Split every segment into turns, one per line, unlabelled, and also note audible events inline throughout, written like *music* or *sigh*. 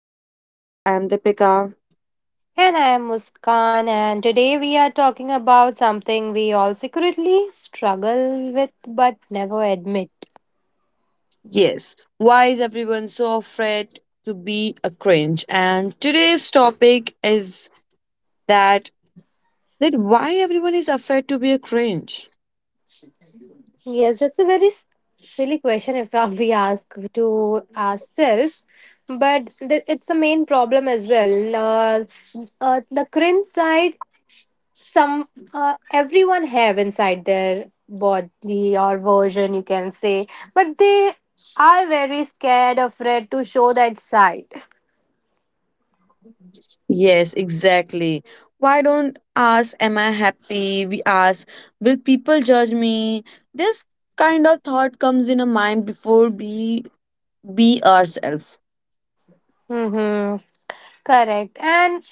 Our podcast. I'm Deepika.
And I am Muskan, and today we are talking about something we all secretly struggle with but never admit.
Yes. Why is everyone so afraid to be a cringe? And today's topic is that that why everyone is afraid to be a cringe.
Yes, that's a very silly question if *laughs* we ask to ourselves, but it's a main problem as well. The cringe side, some everyone have inside their body or version, you can say, but they are very scared, afraid to show that side.
Yes, exactly. Why don't ask, am I happy? We ask, will people judge me? This kind of thought comes in a mind before we be ourselves.
Mm-hmm. Correct. And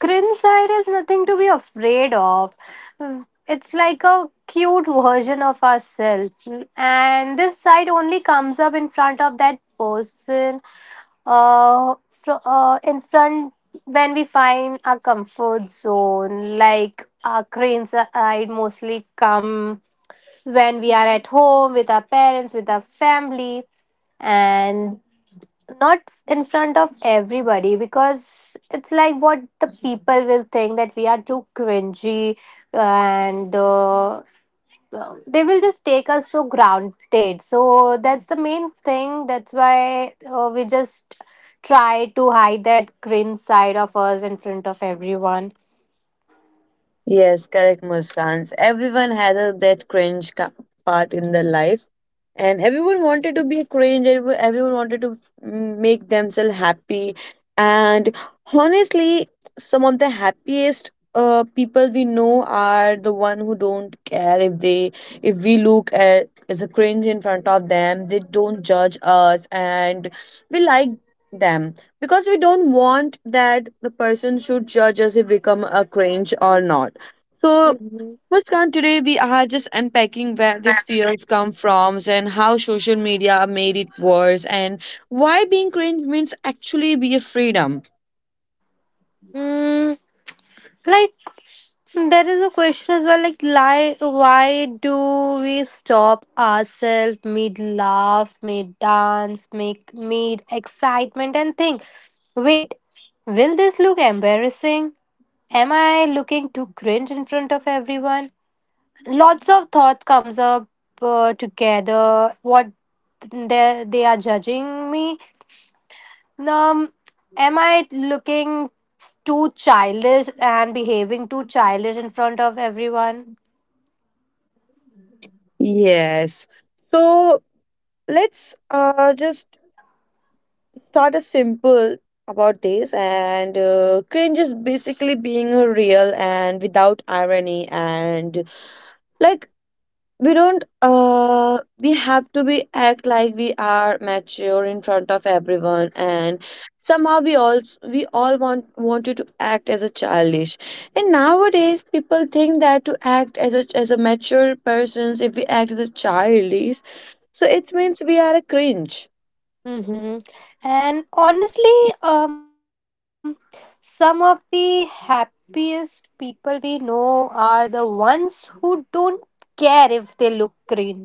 cringe side is nothing to be afraid of. It's like a cute version of ourselves. And this side only comes up in front of that person, in front when we find our comfort zone. Like our cringe side mostly come when we are at home with our parents, with our family and not in front of everybody because it's like what the people will think that we are too cringy and they will just take us so grounded. So that's the main thing. That's why we just try to hide that cringe side of us in front of everyone.
Yes, correct, Muskans. Everyone has a, that part in their life, and everyone wanted to be cringe. And everyone wanted to make themselves happy, and honestly, some of the happiest people we know are the one who don't care if they if we look at as a cringe in front of them. They don't judge us, and we like them because we don't want that the person should judge us if we become a cringe or not so,
Mhm.
Muskan, today we are just unpacking where these
Right.
fears come from and how social media made it worse, and why being cringe means actually be a freedom.
Mm, Like, there is a question as well, like lie, why do we stop ourselves mid laugh, mid dance, make mid excitement, and think, wait, will this look embarrassing? Am I looking too cringe in front of everyone? Lots of thoughts comes up together. What they are judging me. Um, am I looking too childish and behaving too childish in front of everyone?
Yes. So, let's just start a simple about this, and cringe is basically being real and without irony, and like we don't we have to be act like we are mature in front of everyone, and somehow we all want wanted to act as a childish, and nowadays people think that to act as a mature persons if we act as a child, so it means we are a cringe.
Mm-hmm. And honestly, some of the happiest people we know are the ones who don't care if they look cringe.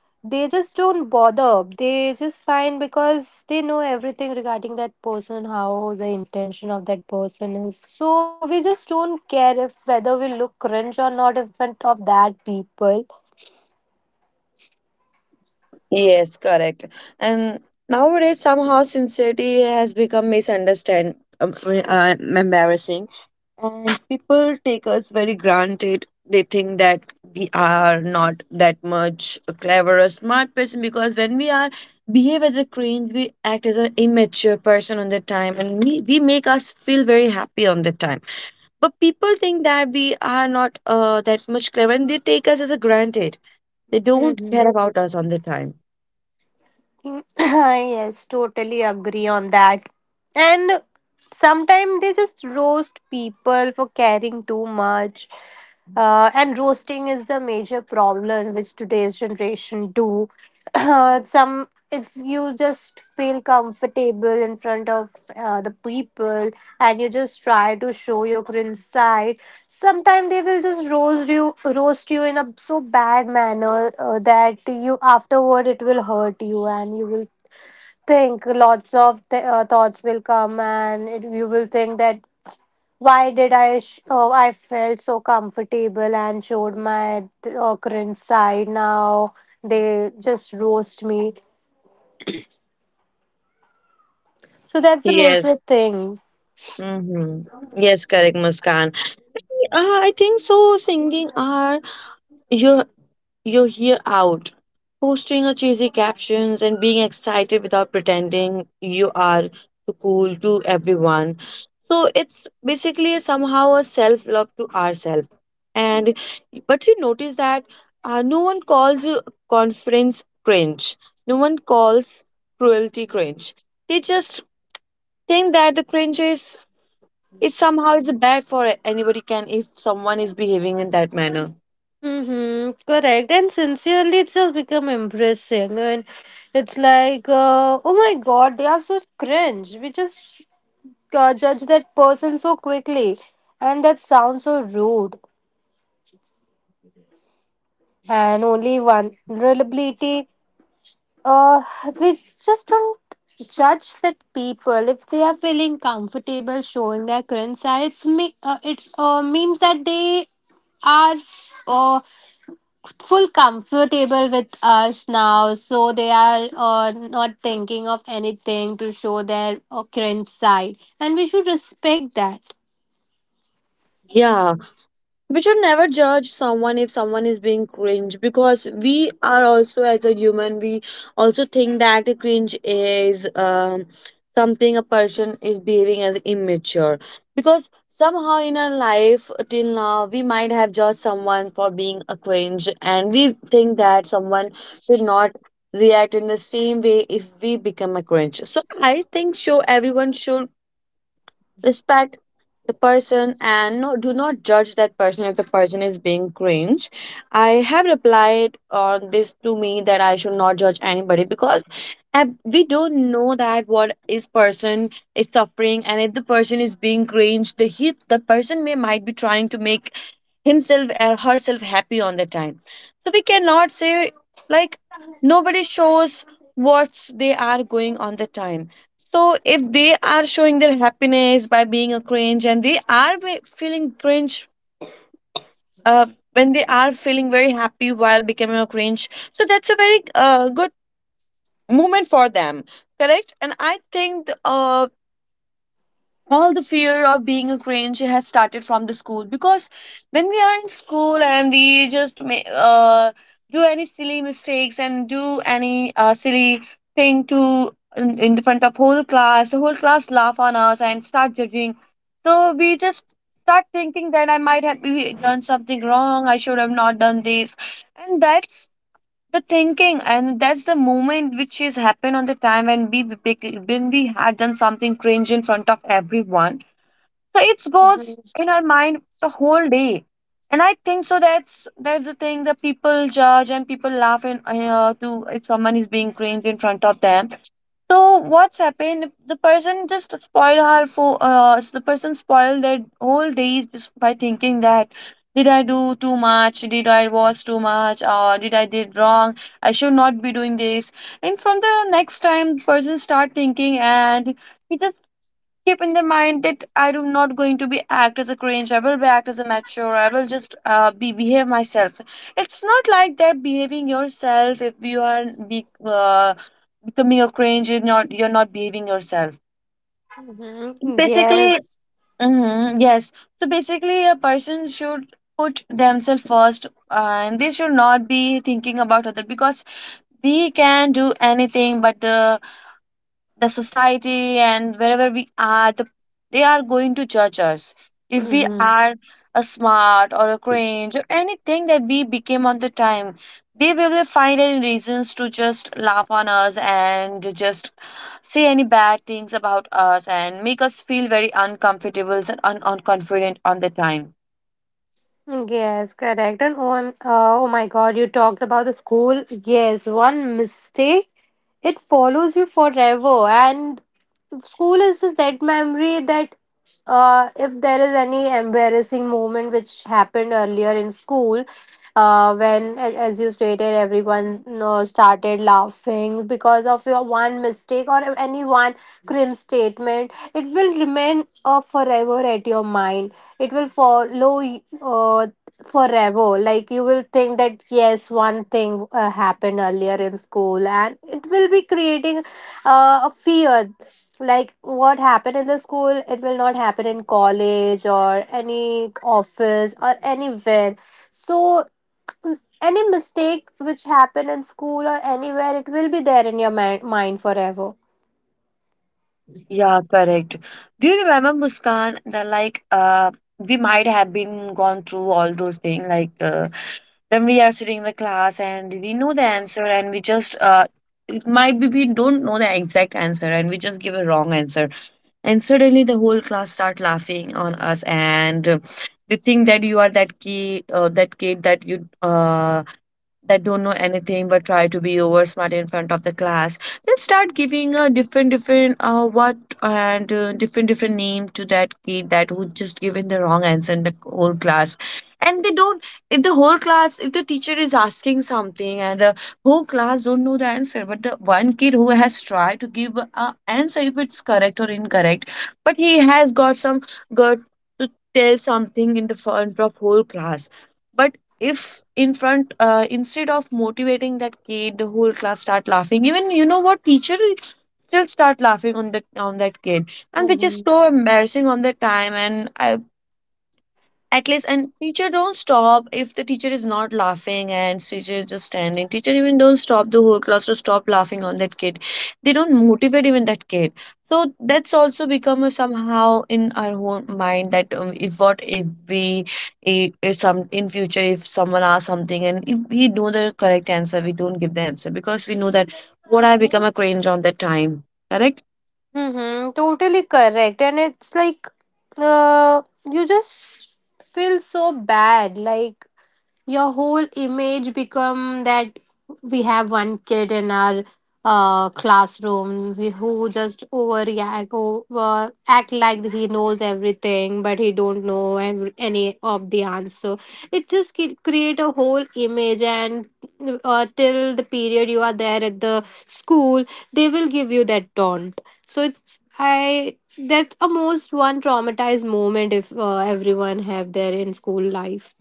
They just don't bother. They just fine because they know everything regarding that person, how the intention of that person is. So we just don't care if whether we look cringe or not, if front of that people.
Yes, correct. And nowadays, somehow sincerity has become misunderstand, embarrassing. And people take us very granted. They think that we are not that much a clever or smart person, because when we are behave as a cringe, we act as an immature person on the time, and we make us feel very happy on the time. But people think that we are not that much clever, and they take us as a granted. They don't care about us on the time.
*coughs* *clears throat* Yes, totally agree on that. And sometimes they just roast people for caring too much. And roasting is the major problem which today's generation do. *coughs* *clears throat* Some, if you just feel comfortable in front of the people and you just try to show your green side, sometimes they will just roast you in a so bad manner that you afterward it will hurt you, and you will think lots of thoughts will come, and it, you will think that why did I oh, I felt so comfortable and showed my current side. Now they just roast me. So that's a
Yes.
major thing.
Mm-hmm. Yes, correct, Muskan. I think so. Singing are You're you're here out, posting a cheesy captions and being excited without pretending you are too cool to everyone. So it's basically somehow a self love to ourselves. And but you notice that no one calls you conference cringe. No one calls cruelty cringe. They just think that the cringe is somehow it's bad for anybody can if someone is behaving in that manner.
Mm-hmm, correct. And sincerely, it's just become embarrassing. And it's like, oh my God, they are so cringe. We just judge that person so quickly. And that sounds so rude. And only vulnerability. Uh, we just don't judge that people if they are feeling comfortable showing their cringe side. It's me. It means that they are uh, full comfortable with us now, so they are not thinking of anything to show their cringe side, and we should respect that.
Yeah. We should never judge someone if someone is being cringe, because we are also as a human we also think that a cringe is something a person is behaving as immature, because somehow in our life till now we might have judged someone for being a cringe, and we think that someone should not react in the same way if we become a cringe, so I think so everyone should respect the person and no, do not judge that person if the person is being cringe. I have replied on this to me that I should not judge anybody, because we don't know that what is person is suffering, and if the person is being cringe, the person may might be trying to make himself or herself happy on the time. So we cannot say like nobody shows what they are going on the time. So if they are showing their happiness by being a cringe, and they are feeling cringe uh, when they are feeling very happy while becoming a cringe, so that's a very good moment for them. Correct. And I think the, all the fear of being a cringe has started from the school, because when we are in school and we just do any silly mistakes, and do any silly thing to in the front of whole class, the whole class laugh on us and start judging. So we just start thinking that I might have maybe done something wrong, I should have not done this. And that's the thinking, and that's the moment which is happened on the time when when we had done something cringe in front of everyone. So it goes in our mind the whole day. And I think so that's the thing that people judge and people laugh, and to if someone is being cringe in front of them, so what's happened? The person just spoiled her for the person spoiled their whole day just by thinking that did I do too much? Did I was too much? Or did I did wrong? I should not be doing this. And from the next time, person start thinking, and he just keep in the mind that I am not going to be act as a cringe. I will be act as a mature. I will just be behave myself. It's not like that behaving yourself if you are be, uh, becoming a cringe. You're not behaving yourself.
Mm-hmm.
Basically,
Yes.
mhm, yes. So basically, a person should put themselves first, and they should not be thinking about other, because we can do anything, but the society and wherever we are the, they are going to judge us if we
Mm-hmm.
are a smart or a cringe or anything that we became on the time. They will find any reasons to just laugh on us and just say any bad things about us, and make us feel very uncomfortable and unconfident on the time.
Yes, correct. And oh, oh my God, you talked about the school. Yes, one mistake, it follows you forever. And school is just that memory that if there is any embarrassing moment which happened earlier in school, when, as you stated, everyone you know, started laughing because of your one mistake or any one crim statement, it will remain forever at your mind. It will follow forever. Like you will think that, yes, one thing happened earlier in school, and it will be creating a fear like what happened in the school it will not happen in college or any office or anywhere. So any mistake which happened in school or anywhere, it will be there in your mind forever.
Yeah, correct. Do you remember, Muskan, that like we might have been gone through all those things, like when we are sitting in the class and we know the answer, and we just it might be we don't know the exact answer, and we just give a wrong answer, and suddenly the whole class start laughing on us, and they think that you are that kid, that don't know anything but try to be over smart in front of the class, then start giving a different different what and different different name to that kid that would just given the wrong answer in the whole class. And they don't if the whole class if the teacher is asking something, and the whole class don't know the answer, but the one kid who has tried to give a answer, if it's correct or incorrect, but he has got some gut to tell something in the front of whole class. But if in front instead of motivating that kid, the whole class start laughing, even you know what teacher still start laughing on that kid. And which is
Mm-hmm.
so embarrassing on the time, and I at least, and teacher don't stop, if the teacher is not laughing and teacher is just standing, teacher even don't stop the whole class to stop laughing on that kid. They don't motivate even that kid. So that's also become a somehow in our own mind that if what if if some in future if someone asks something, and if we know the correct answer, we don't give the answer because we know that what I become a cringe on that time. Correct.
Mm-hmm, totally correct. And it's like uh, you just feel so bad. Like your whole image become that we have one kid in our classroom we, who just overreact over, act like he knows everything but he don't know every, any of the answer. It just create a whole image, and till the period you are there at the school, they will give you that taunt. So it's I that's a most one traumatized moment if everyone have their in school life.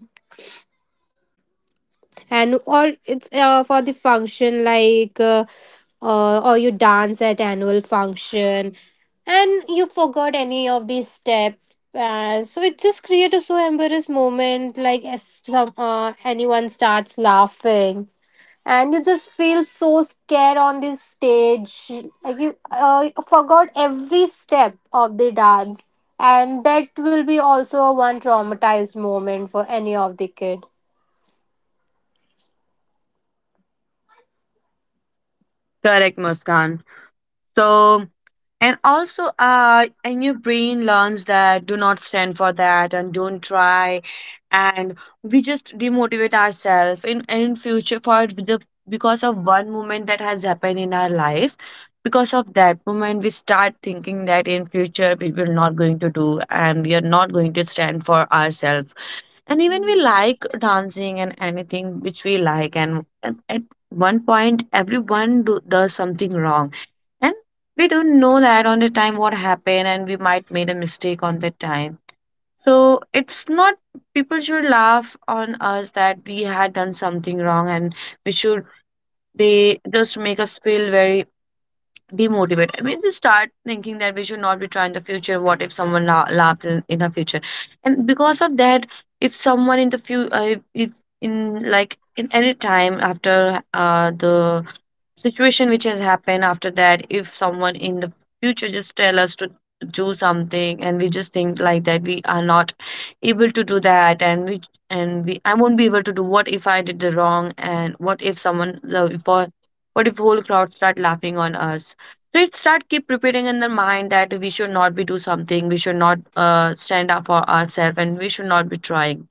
And or it's for the function like or you dance at annual function and you forgot any of these steps, so it just create a so embarrassed moment like as some anyone starts laughing and you just feel so scared on this stage like you forgot every step of the dance. And that will be also a one traumatized moment for any of the kid.
Correct, Muskan. So, and also, and your brain learns that do not stand for that and don't try, and we just demotivate ourselves in future for the because of one moment that has happened in our life. Because of that moment, we start thinking that in future we will not going to do, and we are not going to stand for ourselves. And even we like dancing and anything which we like, and at one point, does something wrong. And we don't know that on the time what happened, and we might made a mistake on the time. So it's not people should laugh on us that we had done something wrong, and we should they just make us feel very demotivated. We just start thinking that we should not be trying the future, what if someone laughs in our future. And because of that, if someone in the few if in like in any time after the situation which has happened, after that if someone in the future just tell us to do something, and we just think like that we are not able to do that, and we I won't be able to do what if I did the wrong, and what if someone the if all- what if whole crowd start laughing on us. So it start keep repeating in the mind that we should not be do something, we should not stand up for ourselves, and we should not be trying.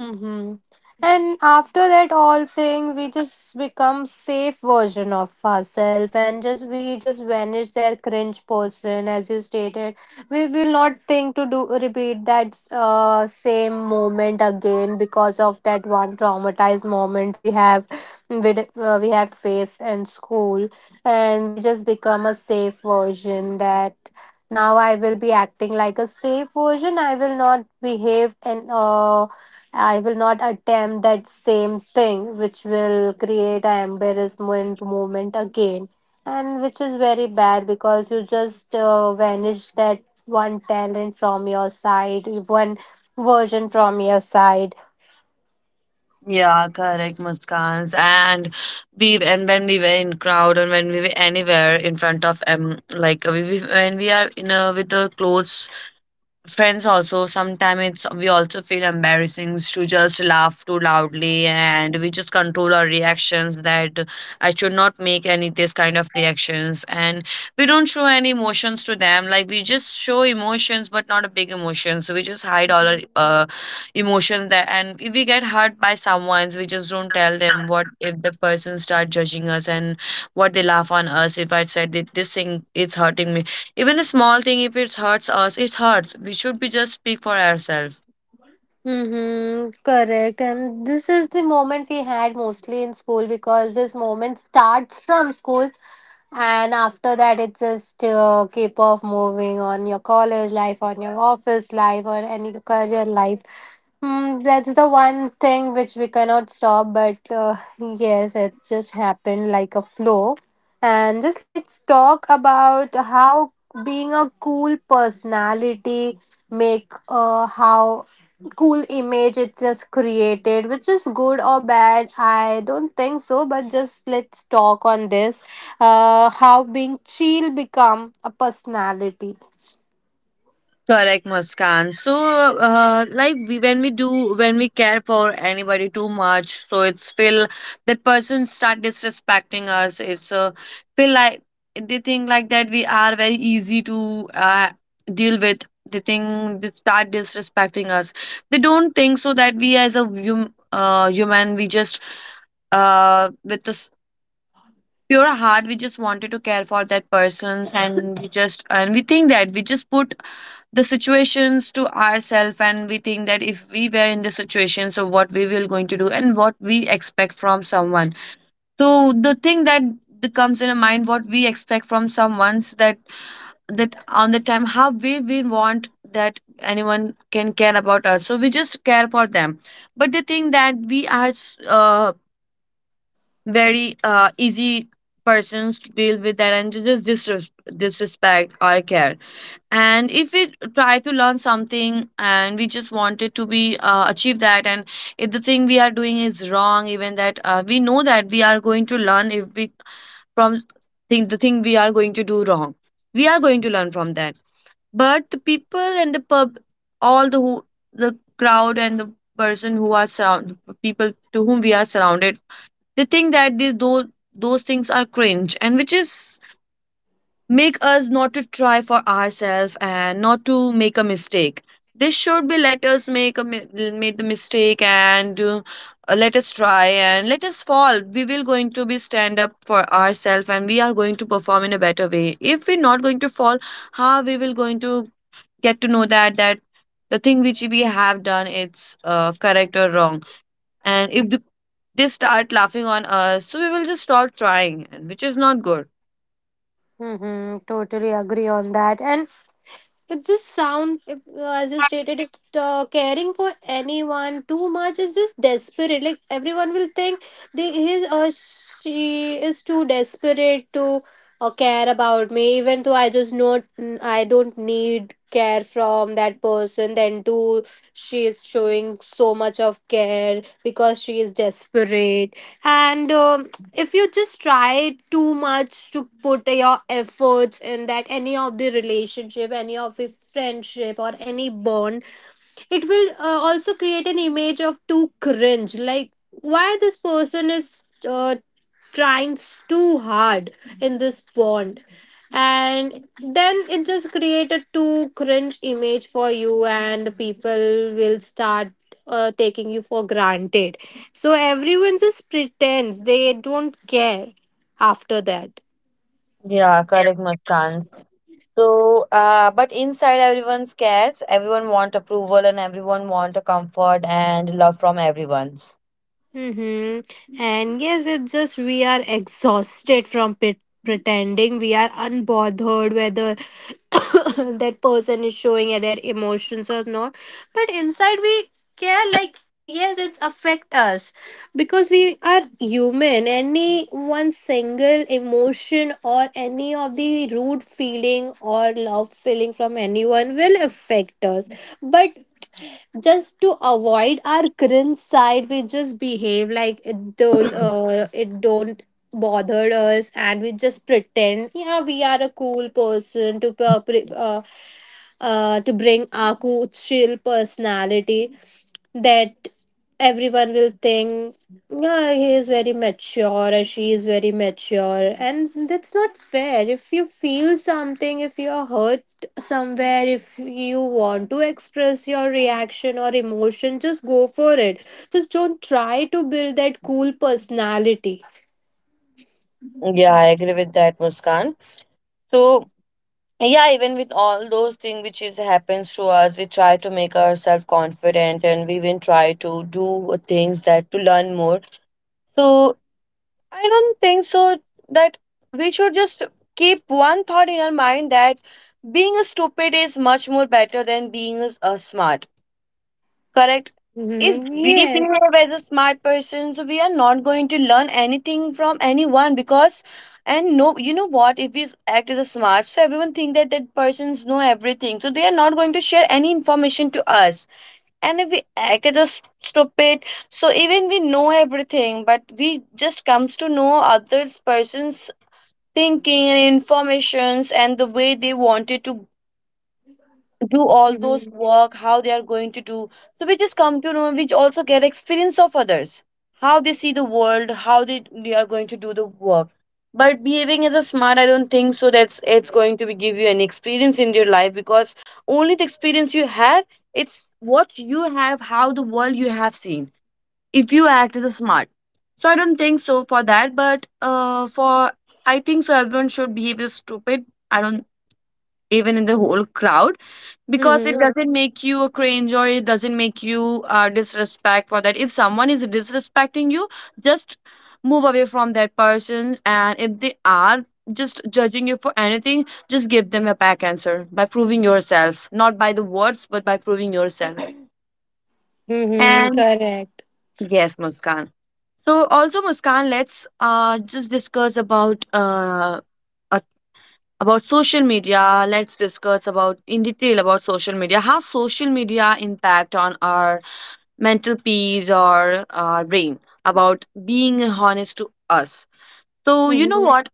Mm-hmm. And after that all thing, we just become safe version of ourselves, and just we just vanish their cringe person, as you stated. We will not think to do repeat that same moment again because of that one traumatized moment we have, we have faced in school, and we just become a safe version that. Now I will be acting like a safe version. I will not behave in I will not attempt that same thing, which will create an embarrassment moment again, and which is very bad because you just vanish that one talent from your side, one version from your side.
Yeah, correct, Muskans. And we and when we were in crowd and when we were anywhere in front of like we when we are in a with the clothes friends also sometimes it's we also feel embarrassing to just laugh too loudly, and we just control our reactions that I should not make any this kind of reactions. And we don't show any emotions to them, like we just show emotions but not a big emotion, so we just hide all our emotions there. And if we get hurt by someone, we just don't tell them, what if the person start judging us and what they laugh on us if I said that this thing is hurting me. Even a small thing, if it hurts us, it hurts. We should be just speak for ourselves.
Mm-hmm, correct. And this is the moment we had mostly in school because this moment starts from school, and after that, it just keep off moving on your college life, on your office life, or any career life. Mm, that's the one thing which we cannot stop, but yes, it just happened like a flow. And just let's talk about how being a cool personality make how cool image it just created which is good or bad, I don't think so, but just let's talk on this, how being chill become a personality.
Correct, Muskan. So, like we, when we do, when we care for anybody too much, so it's feel that person start disrespecting us. It's feel like they think like that we are very easy to deal with. They think they start disrespecting us. They don't think so that we as a human, we just with the pure heart we just wanted to care for that person. And we just, and we think that we just put the situations to ourselves, and we think that if we were in the situation, so what we will going to do and what we expect from someone. So the thing that that comes in a mind what we expect from someone's, that that on the time how we want that anyone can care about us, so we just care for them. But the thing that very easy persons to deal with that and to just disrespect our care. And if we try to learn something and we just want it to be achieve that. And if the thing we are doing is wrong, even that we know that we are going to learn if we from think the thing we are going to do wrong, we are going to learn from that. But the people and the pub, all the who, the crowd and the person who are surround, people to whom we are surrounded, they think that these those things are cringe, and which is make us not to try for ourselves and not to make a mistake. This should be let us make a made the mistake. And let us try and let us fall. We will going to be stand up for ourselves and we are going to perform in a better way. If we're not going to fall, how we will going to get to know that that the thing which we have done, it's correct or wrong? And if the, they start laughing on us, so we will just stop trying, and which is not good.
Mm-hmm, totally agree on that. And but this sound, if, as you stated, if caring for anyone too much is just desperate. Like everyone will think they his or she is too desperate to care about me. Even though I just not, I don't need care from that person. Then too, she is showing so much of care because she is desperate. And if you just try too much to put your efforts in that any of the relationship, any of the friendship or any bond, it will also create an image of too cringe. Like why this person is trying too hard in this bond. And then it just create a too cringe image for you, and people will start taking you for granted. So everyone just pretends they don't care after that.
Yeah, correct, Muskan. So, but inside everyone's scares, everyone want approval and everyone want a comfort and love from everyone.
Mm-hmm. And yes, it's just we are exhausted from pretending we are unbothered whether *coughs* that person is showing their emotions or not. But inside, we care. Like, yes, it's affect us because we are human. Any one single emotion or any of the rude feeling or love feeling from anyone will affect us. But just to avoid our cringe side we just behave like it do, it don't bother us, and we just pretend yeah we are a cool person to to bring our cool, chill personality that everyone will think yeah he is very mature or she is very mature. And that's not fair. If you feel something, if you are hurt somewhere, if you want to express your reaction or emotion, just go for it. Just don't try to build that cool personality.
Yeah, I agree with that, Muskan. So, yeah, even with all those things which is happens to us, we try to make ourselves confident, and we even try to do things that to learn more. So I don't think so that we should just keep one thought in our mind that being a stupid is much more better than being a smart. Correct? If
Hmm,
we
yes.
behave as a smart person, so we are not going to learn anything from anyone because, and no, you know what? If we act as a smart, so everyone think that that persons know everything, so they are not going to share any information to us. And if we I can just stop it, so even we know everything, but we just comes to know others person's thinking and informations and the way they wanted to do all those
Mm-hmm.
work how they are going to do. So we just come to know, which also get experience of others, how they see the world, how they are going to do the work. But behaving as a smart, I don't think so that's it's going to be, give you an experience in your life, because only the experience you have, it's what you have, how the world you have seen. If you act as a smart, so I don't think so for that. But for I think so everyone should behave as stupid. I don't, even in the whole crowd, because it
Mm-hmm.
doesn't make you a cringe or it doesn't make you disrespect for that. If someone is disrespecting you, just move away from that person. And if they are just judging you for anything, just give them a back answer by proving yourself, not by the words, but by proving yourself. *clears throat*
Mm-hmm,
And
correct.
yes, Muskan. So also, Muskan, let's just discuss about social media. Let's discuss about in detail about social media, how social media impact on our mental peace or our brain, about being honest to us. So you know
Mm-hmm.
what,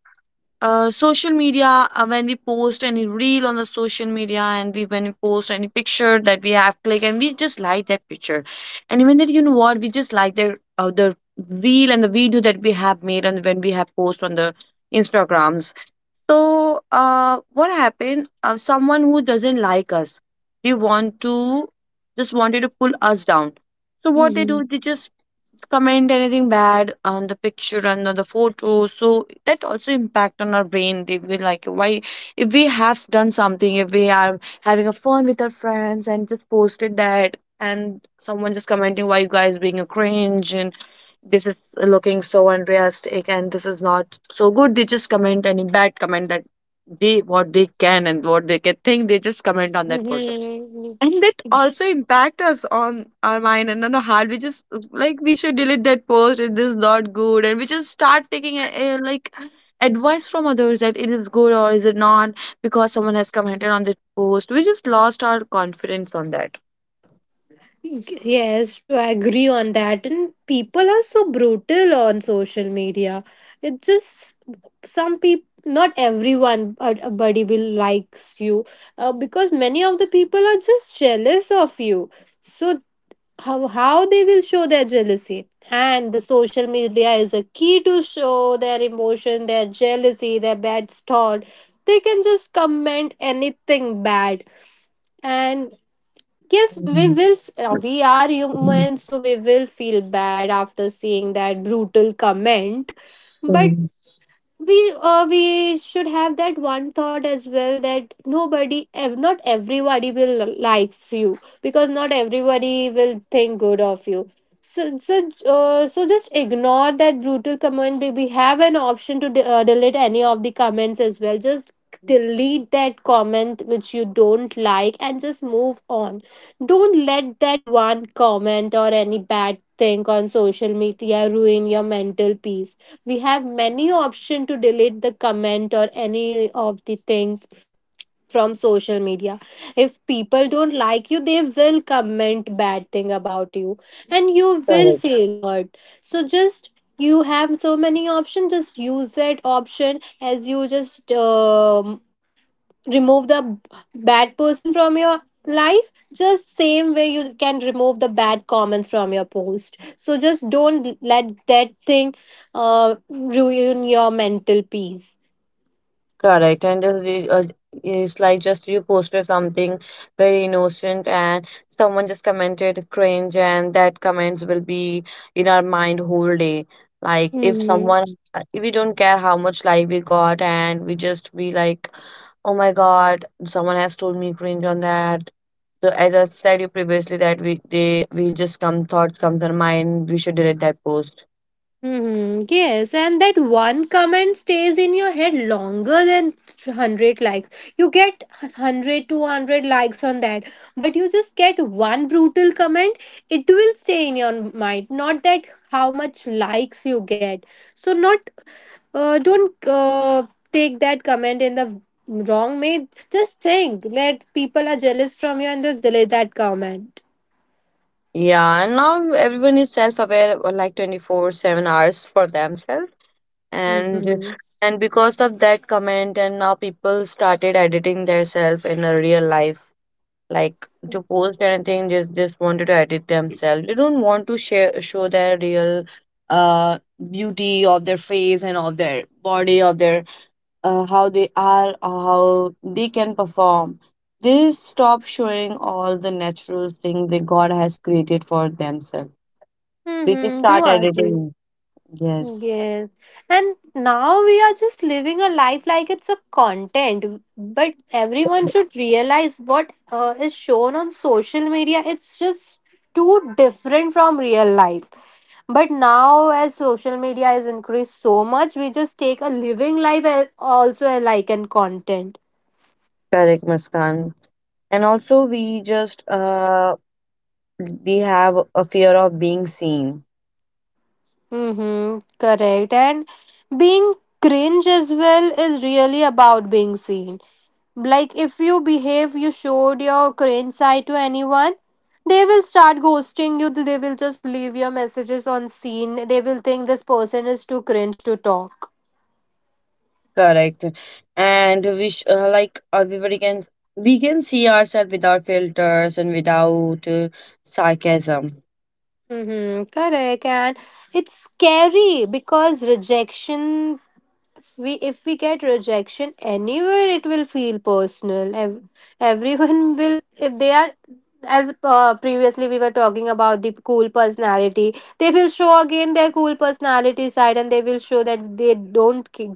social media when we post any reel on the social media, and we when we post any picture that we have click and we just like that picture. And even that you know what, we just like the the reel and the video that we have made, and when we have post on the instagrams. So, what happened? Someone who doesn't like us, they want to just wanted to pull us down. So what they do,
Mm-hmm.
they just comment anything bad on the picture and on the photo. So that also impact on our brain. They will like, why? If we have done something, if we are having a fun with our friends and just posted that, and someone just commenting, why you guys being a cringe, and this is looking so unrealistic and this is not so good. They just comment any bad comment that they what they can and what they can think, they just comment on that photo.
Mhm.
And that also impact us on our mind and on our heart. We just like we should delete that post, it is not good. And we just start taking a like advice from others that it is good or is it not, because someone has commented on that post, we just lost our confidence on that.
Yes, to agree on that. And people are so brutal on social media. It just some people, not everyone, a buddy will likes you, because many of the people are just jealous of you. So how they will show their jealousy? And the social media is a key to show their emotion, their jealousy, their bad thought. They can just comment anything bad. And yes, we
Mm,
will. F- we are human, so we will feel bad after seeing that brutal comment. But
mm,
we should have that one thought as well that nobody, not everybody will likes you because not everybody will think good of you. So just ignore that brutal comment. We have an option to delete any of the comments as well. Just delete that comment which you don't like and just move on. Don't let that one comment or any bad thing on social media ruin your mental peace. We have many options to delete the comment or any of the things from social media. If people don't like you, they will comment bad thing about you, and you will
correct.
feel hurt. So just you have so many options, just use that option as you just remove the bad person from your life. Just same way you can remove the bad comments from your post, so just don't let that thing ruin your mental peace
Correct, and just it's like just you posted something very innocent, and someone just commented cringe, and that comments will be in our mind whole day. Like if
hmm
someone, if we don't care how much like we got, and we just be like, oh my god, someone has told me cringe on that. So as I said you previously that we they we just come thoughts comes on mind, we should delete that post.
Yes, and that one comment stays in your head longer than 100 likes. You get 100, 200 likes on that, but you just get one brutal comment, it will stay in your mind. Not that how much likes you get. So, not don't take that comment in the wrong way. Just think that people are jealous from you and just delete that comment.
Yeah, and now everyone is self-aware, like 24/7 hours for themselves. and
Mm-hmm.
and because of that comment, and now people started editing themselves in a real life, like to post anything, just wanted to edit themselves. They don't want to share show their real uh beauty of their face and of their body of their how they are or how they can perform. They stop showing all the natural thing that god has created for themselves. They just
Mm-hmm. Do
start
argue.
editing. Yes,
Yes. And now we are just living a life like it's a content, but everyone should realize what is shown on social media. It's just too different from real life. But now, as social media has increased so much, we just take a living life as also a like and content.
correct, Muskan. And also we just we have a fear of being seen.
Mm-hmm. Correct. And being cringe as well is really about being seen. Like, if you behave, you showed your cringe side to anyone, they will start ghosting you. They will just leave your messages on scene. They will think this person is too cringe to talk.
Correct. And like everybody can we can see ourselves without filters and without sarcasm.
Mm-hmm, correct. And it's scary because rejection, we if we get rejection anywhere it will feel personal. Everyone *laughs* will, if they are, as previously we were talking about, the cool personality, they will show again their cool personality side and they will show that they don't ki-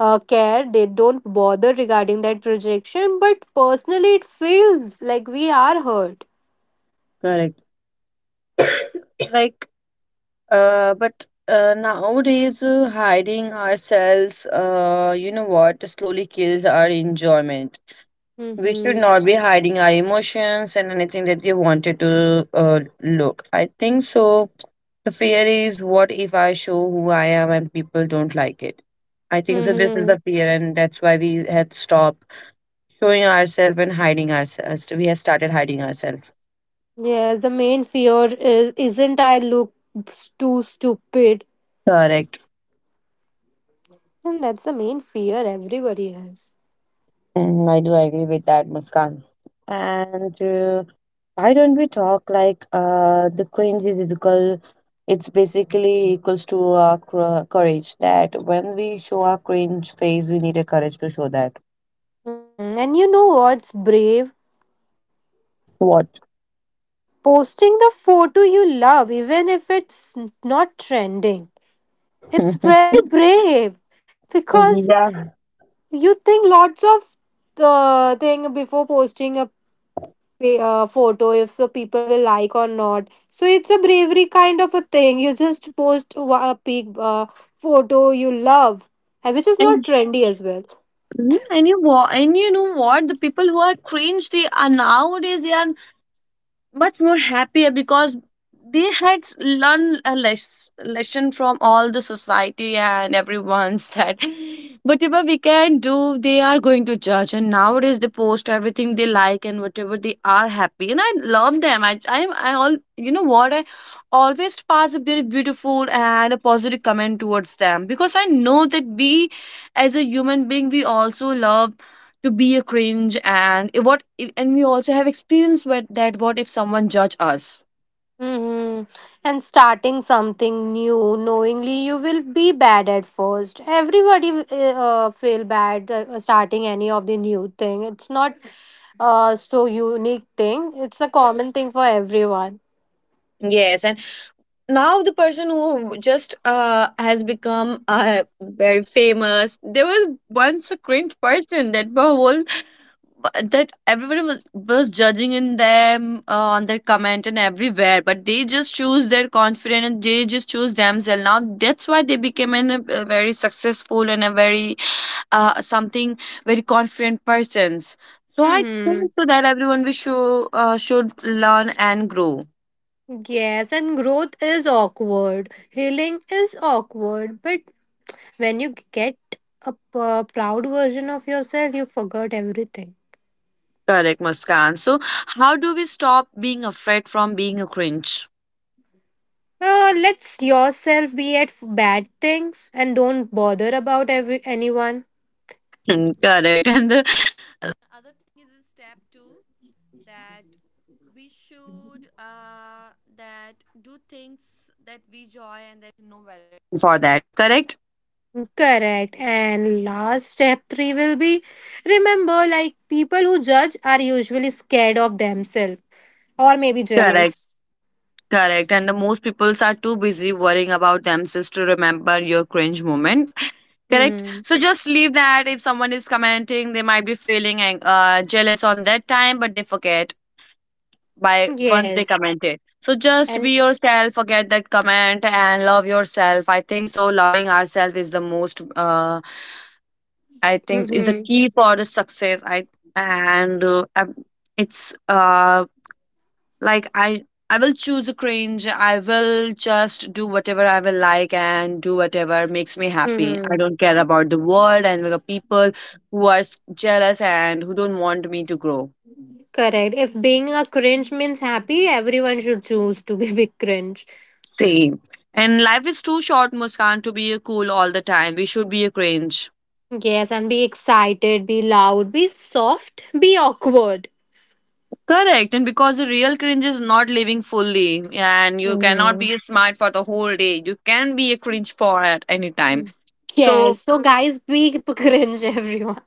uh, care, they don't bother regarding that rejection, but personally it feels like we are hurt.
Correct. *coughs* Like but nowadays hiding ourselves you know what slowly kills our enjoyment. We should
Mm-hmm.
not be hiding our emotions and anything that we wanted to look. I think so. The fear is what if I show who I am and people don't like it? I think so. This is
Mm-hmm.
the fear, and that's why we had stopped showing ourselves and hiding ourselves. We have started hiding ourselves.
Yes, the main fear is, isn't, I look too stupid.
Correct.
And that's the main fear everybody has.
Mm, I do agree with that, Muskan. And why don't we talk like the cringe is equal? It's basically equals to our courage. That when we show our cringe face, we need a courage to show that.
Hmm, and you know what's brave?
What?
Posting the photo you love, even if it's not trending. It's
*laughs*
very brave, because
Yeah.
you think lots of the thing before posting a photo, if the people will like or not. So it's a bravery kind of a thing. You just post a peak uh, photo you love, and which is not
And,
trendy as well.
mhm. And and you know what? The people who are cringe, they are nowadays they are much more happier, because they had learned a lesson from all the society and everyone's *laughs* that whatever we can do, they are going to judge. And nowadays they post everything they like, and whatever they are happy, and I love them. I all you know what, I always pass a very beautiful and a positive comment towards them, because I know that we as a human being, we also love to be a cringe. And we also have experience with that, what if someone judge us?
Hmm. And starting something new, knowingly, you will be bad at first. Everybody feel bad starting any of the new thing. It's not so unique thing. It's a common thing for everyone.
Yes, and now the person who just has become very famous. There was once a cringe person that the whole, that everyone was judging in them on their comment and everywhere, but they just choose their confidence and they just choose themselves. Now that's why they became an, a very successful and a very something very confident persons. So I
Hmm.
think so that everyone we should learn and grow.
Yes, and growth is awkward. Healing is awkward, but when you get a proud version of yourself, you forget everything.
Correct, Muskan. So how do we stop being afraid from being a cringe?
Let yourself be at bad things and don't bother about every anyone.
*laughs* Correct. And the.
Correct. And last step three will be, remember, like, people who judge are usually scared of themselves or maybe
Correct,
jealous.
correct. And the most peoples are too busy worrying about themselves to remember your cringe moment. Correct.
Hmm.
So just leave that. If someone is commenting, they might be feeling jealous on that time, but they forget by once they
Yes.
commented. So just be
And
yourself, forget that comment, and love yourself. I think so. Loving ourselves is the most. I think is the
hmm,
key for the success. I and it's like I will choose a cringe. I will just do whatever I will like and do whatever makes me happy. I
hmm,
don't care about the world and the people who are jealous and who don't want me to grow.
correct. If being a cringe means happy, everyone should choose to be *laughs* big cringe.
Same. And life is too short, Muskan, to be a cool all the time. We should be a cringe.
Yes, and be excited, be loud, be soft, be awkward.
Correct. And because the real cringe is not living fully. And you cannot
Mm-hmm.
be smart for the whole day, you can be a cringe for at any time. So
Yes. So, guys, be *laughs* cringe, everyone.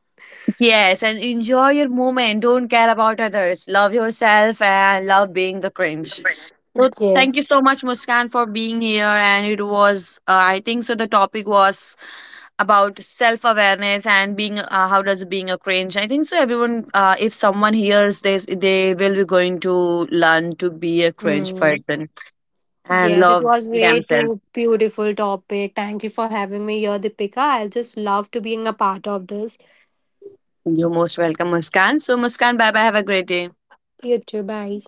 yes, and enjoy your moment. Don't care about others. Love yourself and love being the cringe. So
Yeah.
thank you so much, Muskan, for being here. And it was, I think, so the topic was about self awareness and being. How does being a cringe? I think so. Everyone, if someone hears this, they will be going to learn to be a cringe
Hmm.
person and
Yes, it
love
was way
themselves.
too beautiful topic. Thank you for having me here, Deepika. I'll just love to being a part of this.
You're most welcome, Muskan. So Muskan, bye bye. Have a great day.
You too. Bye.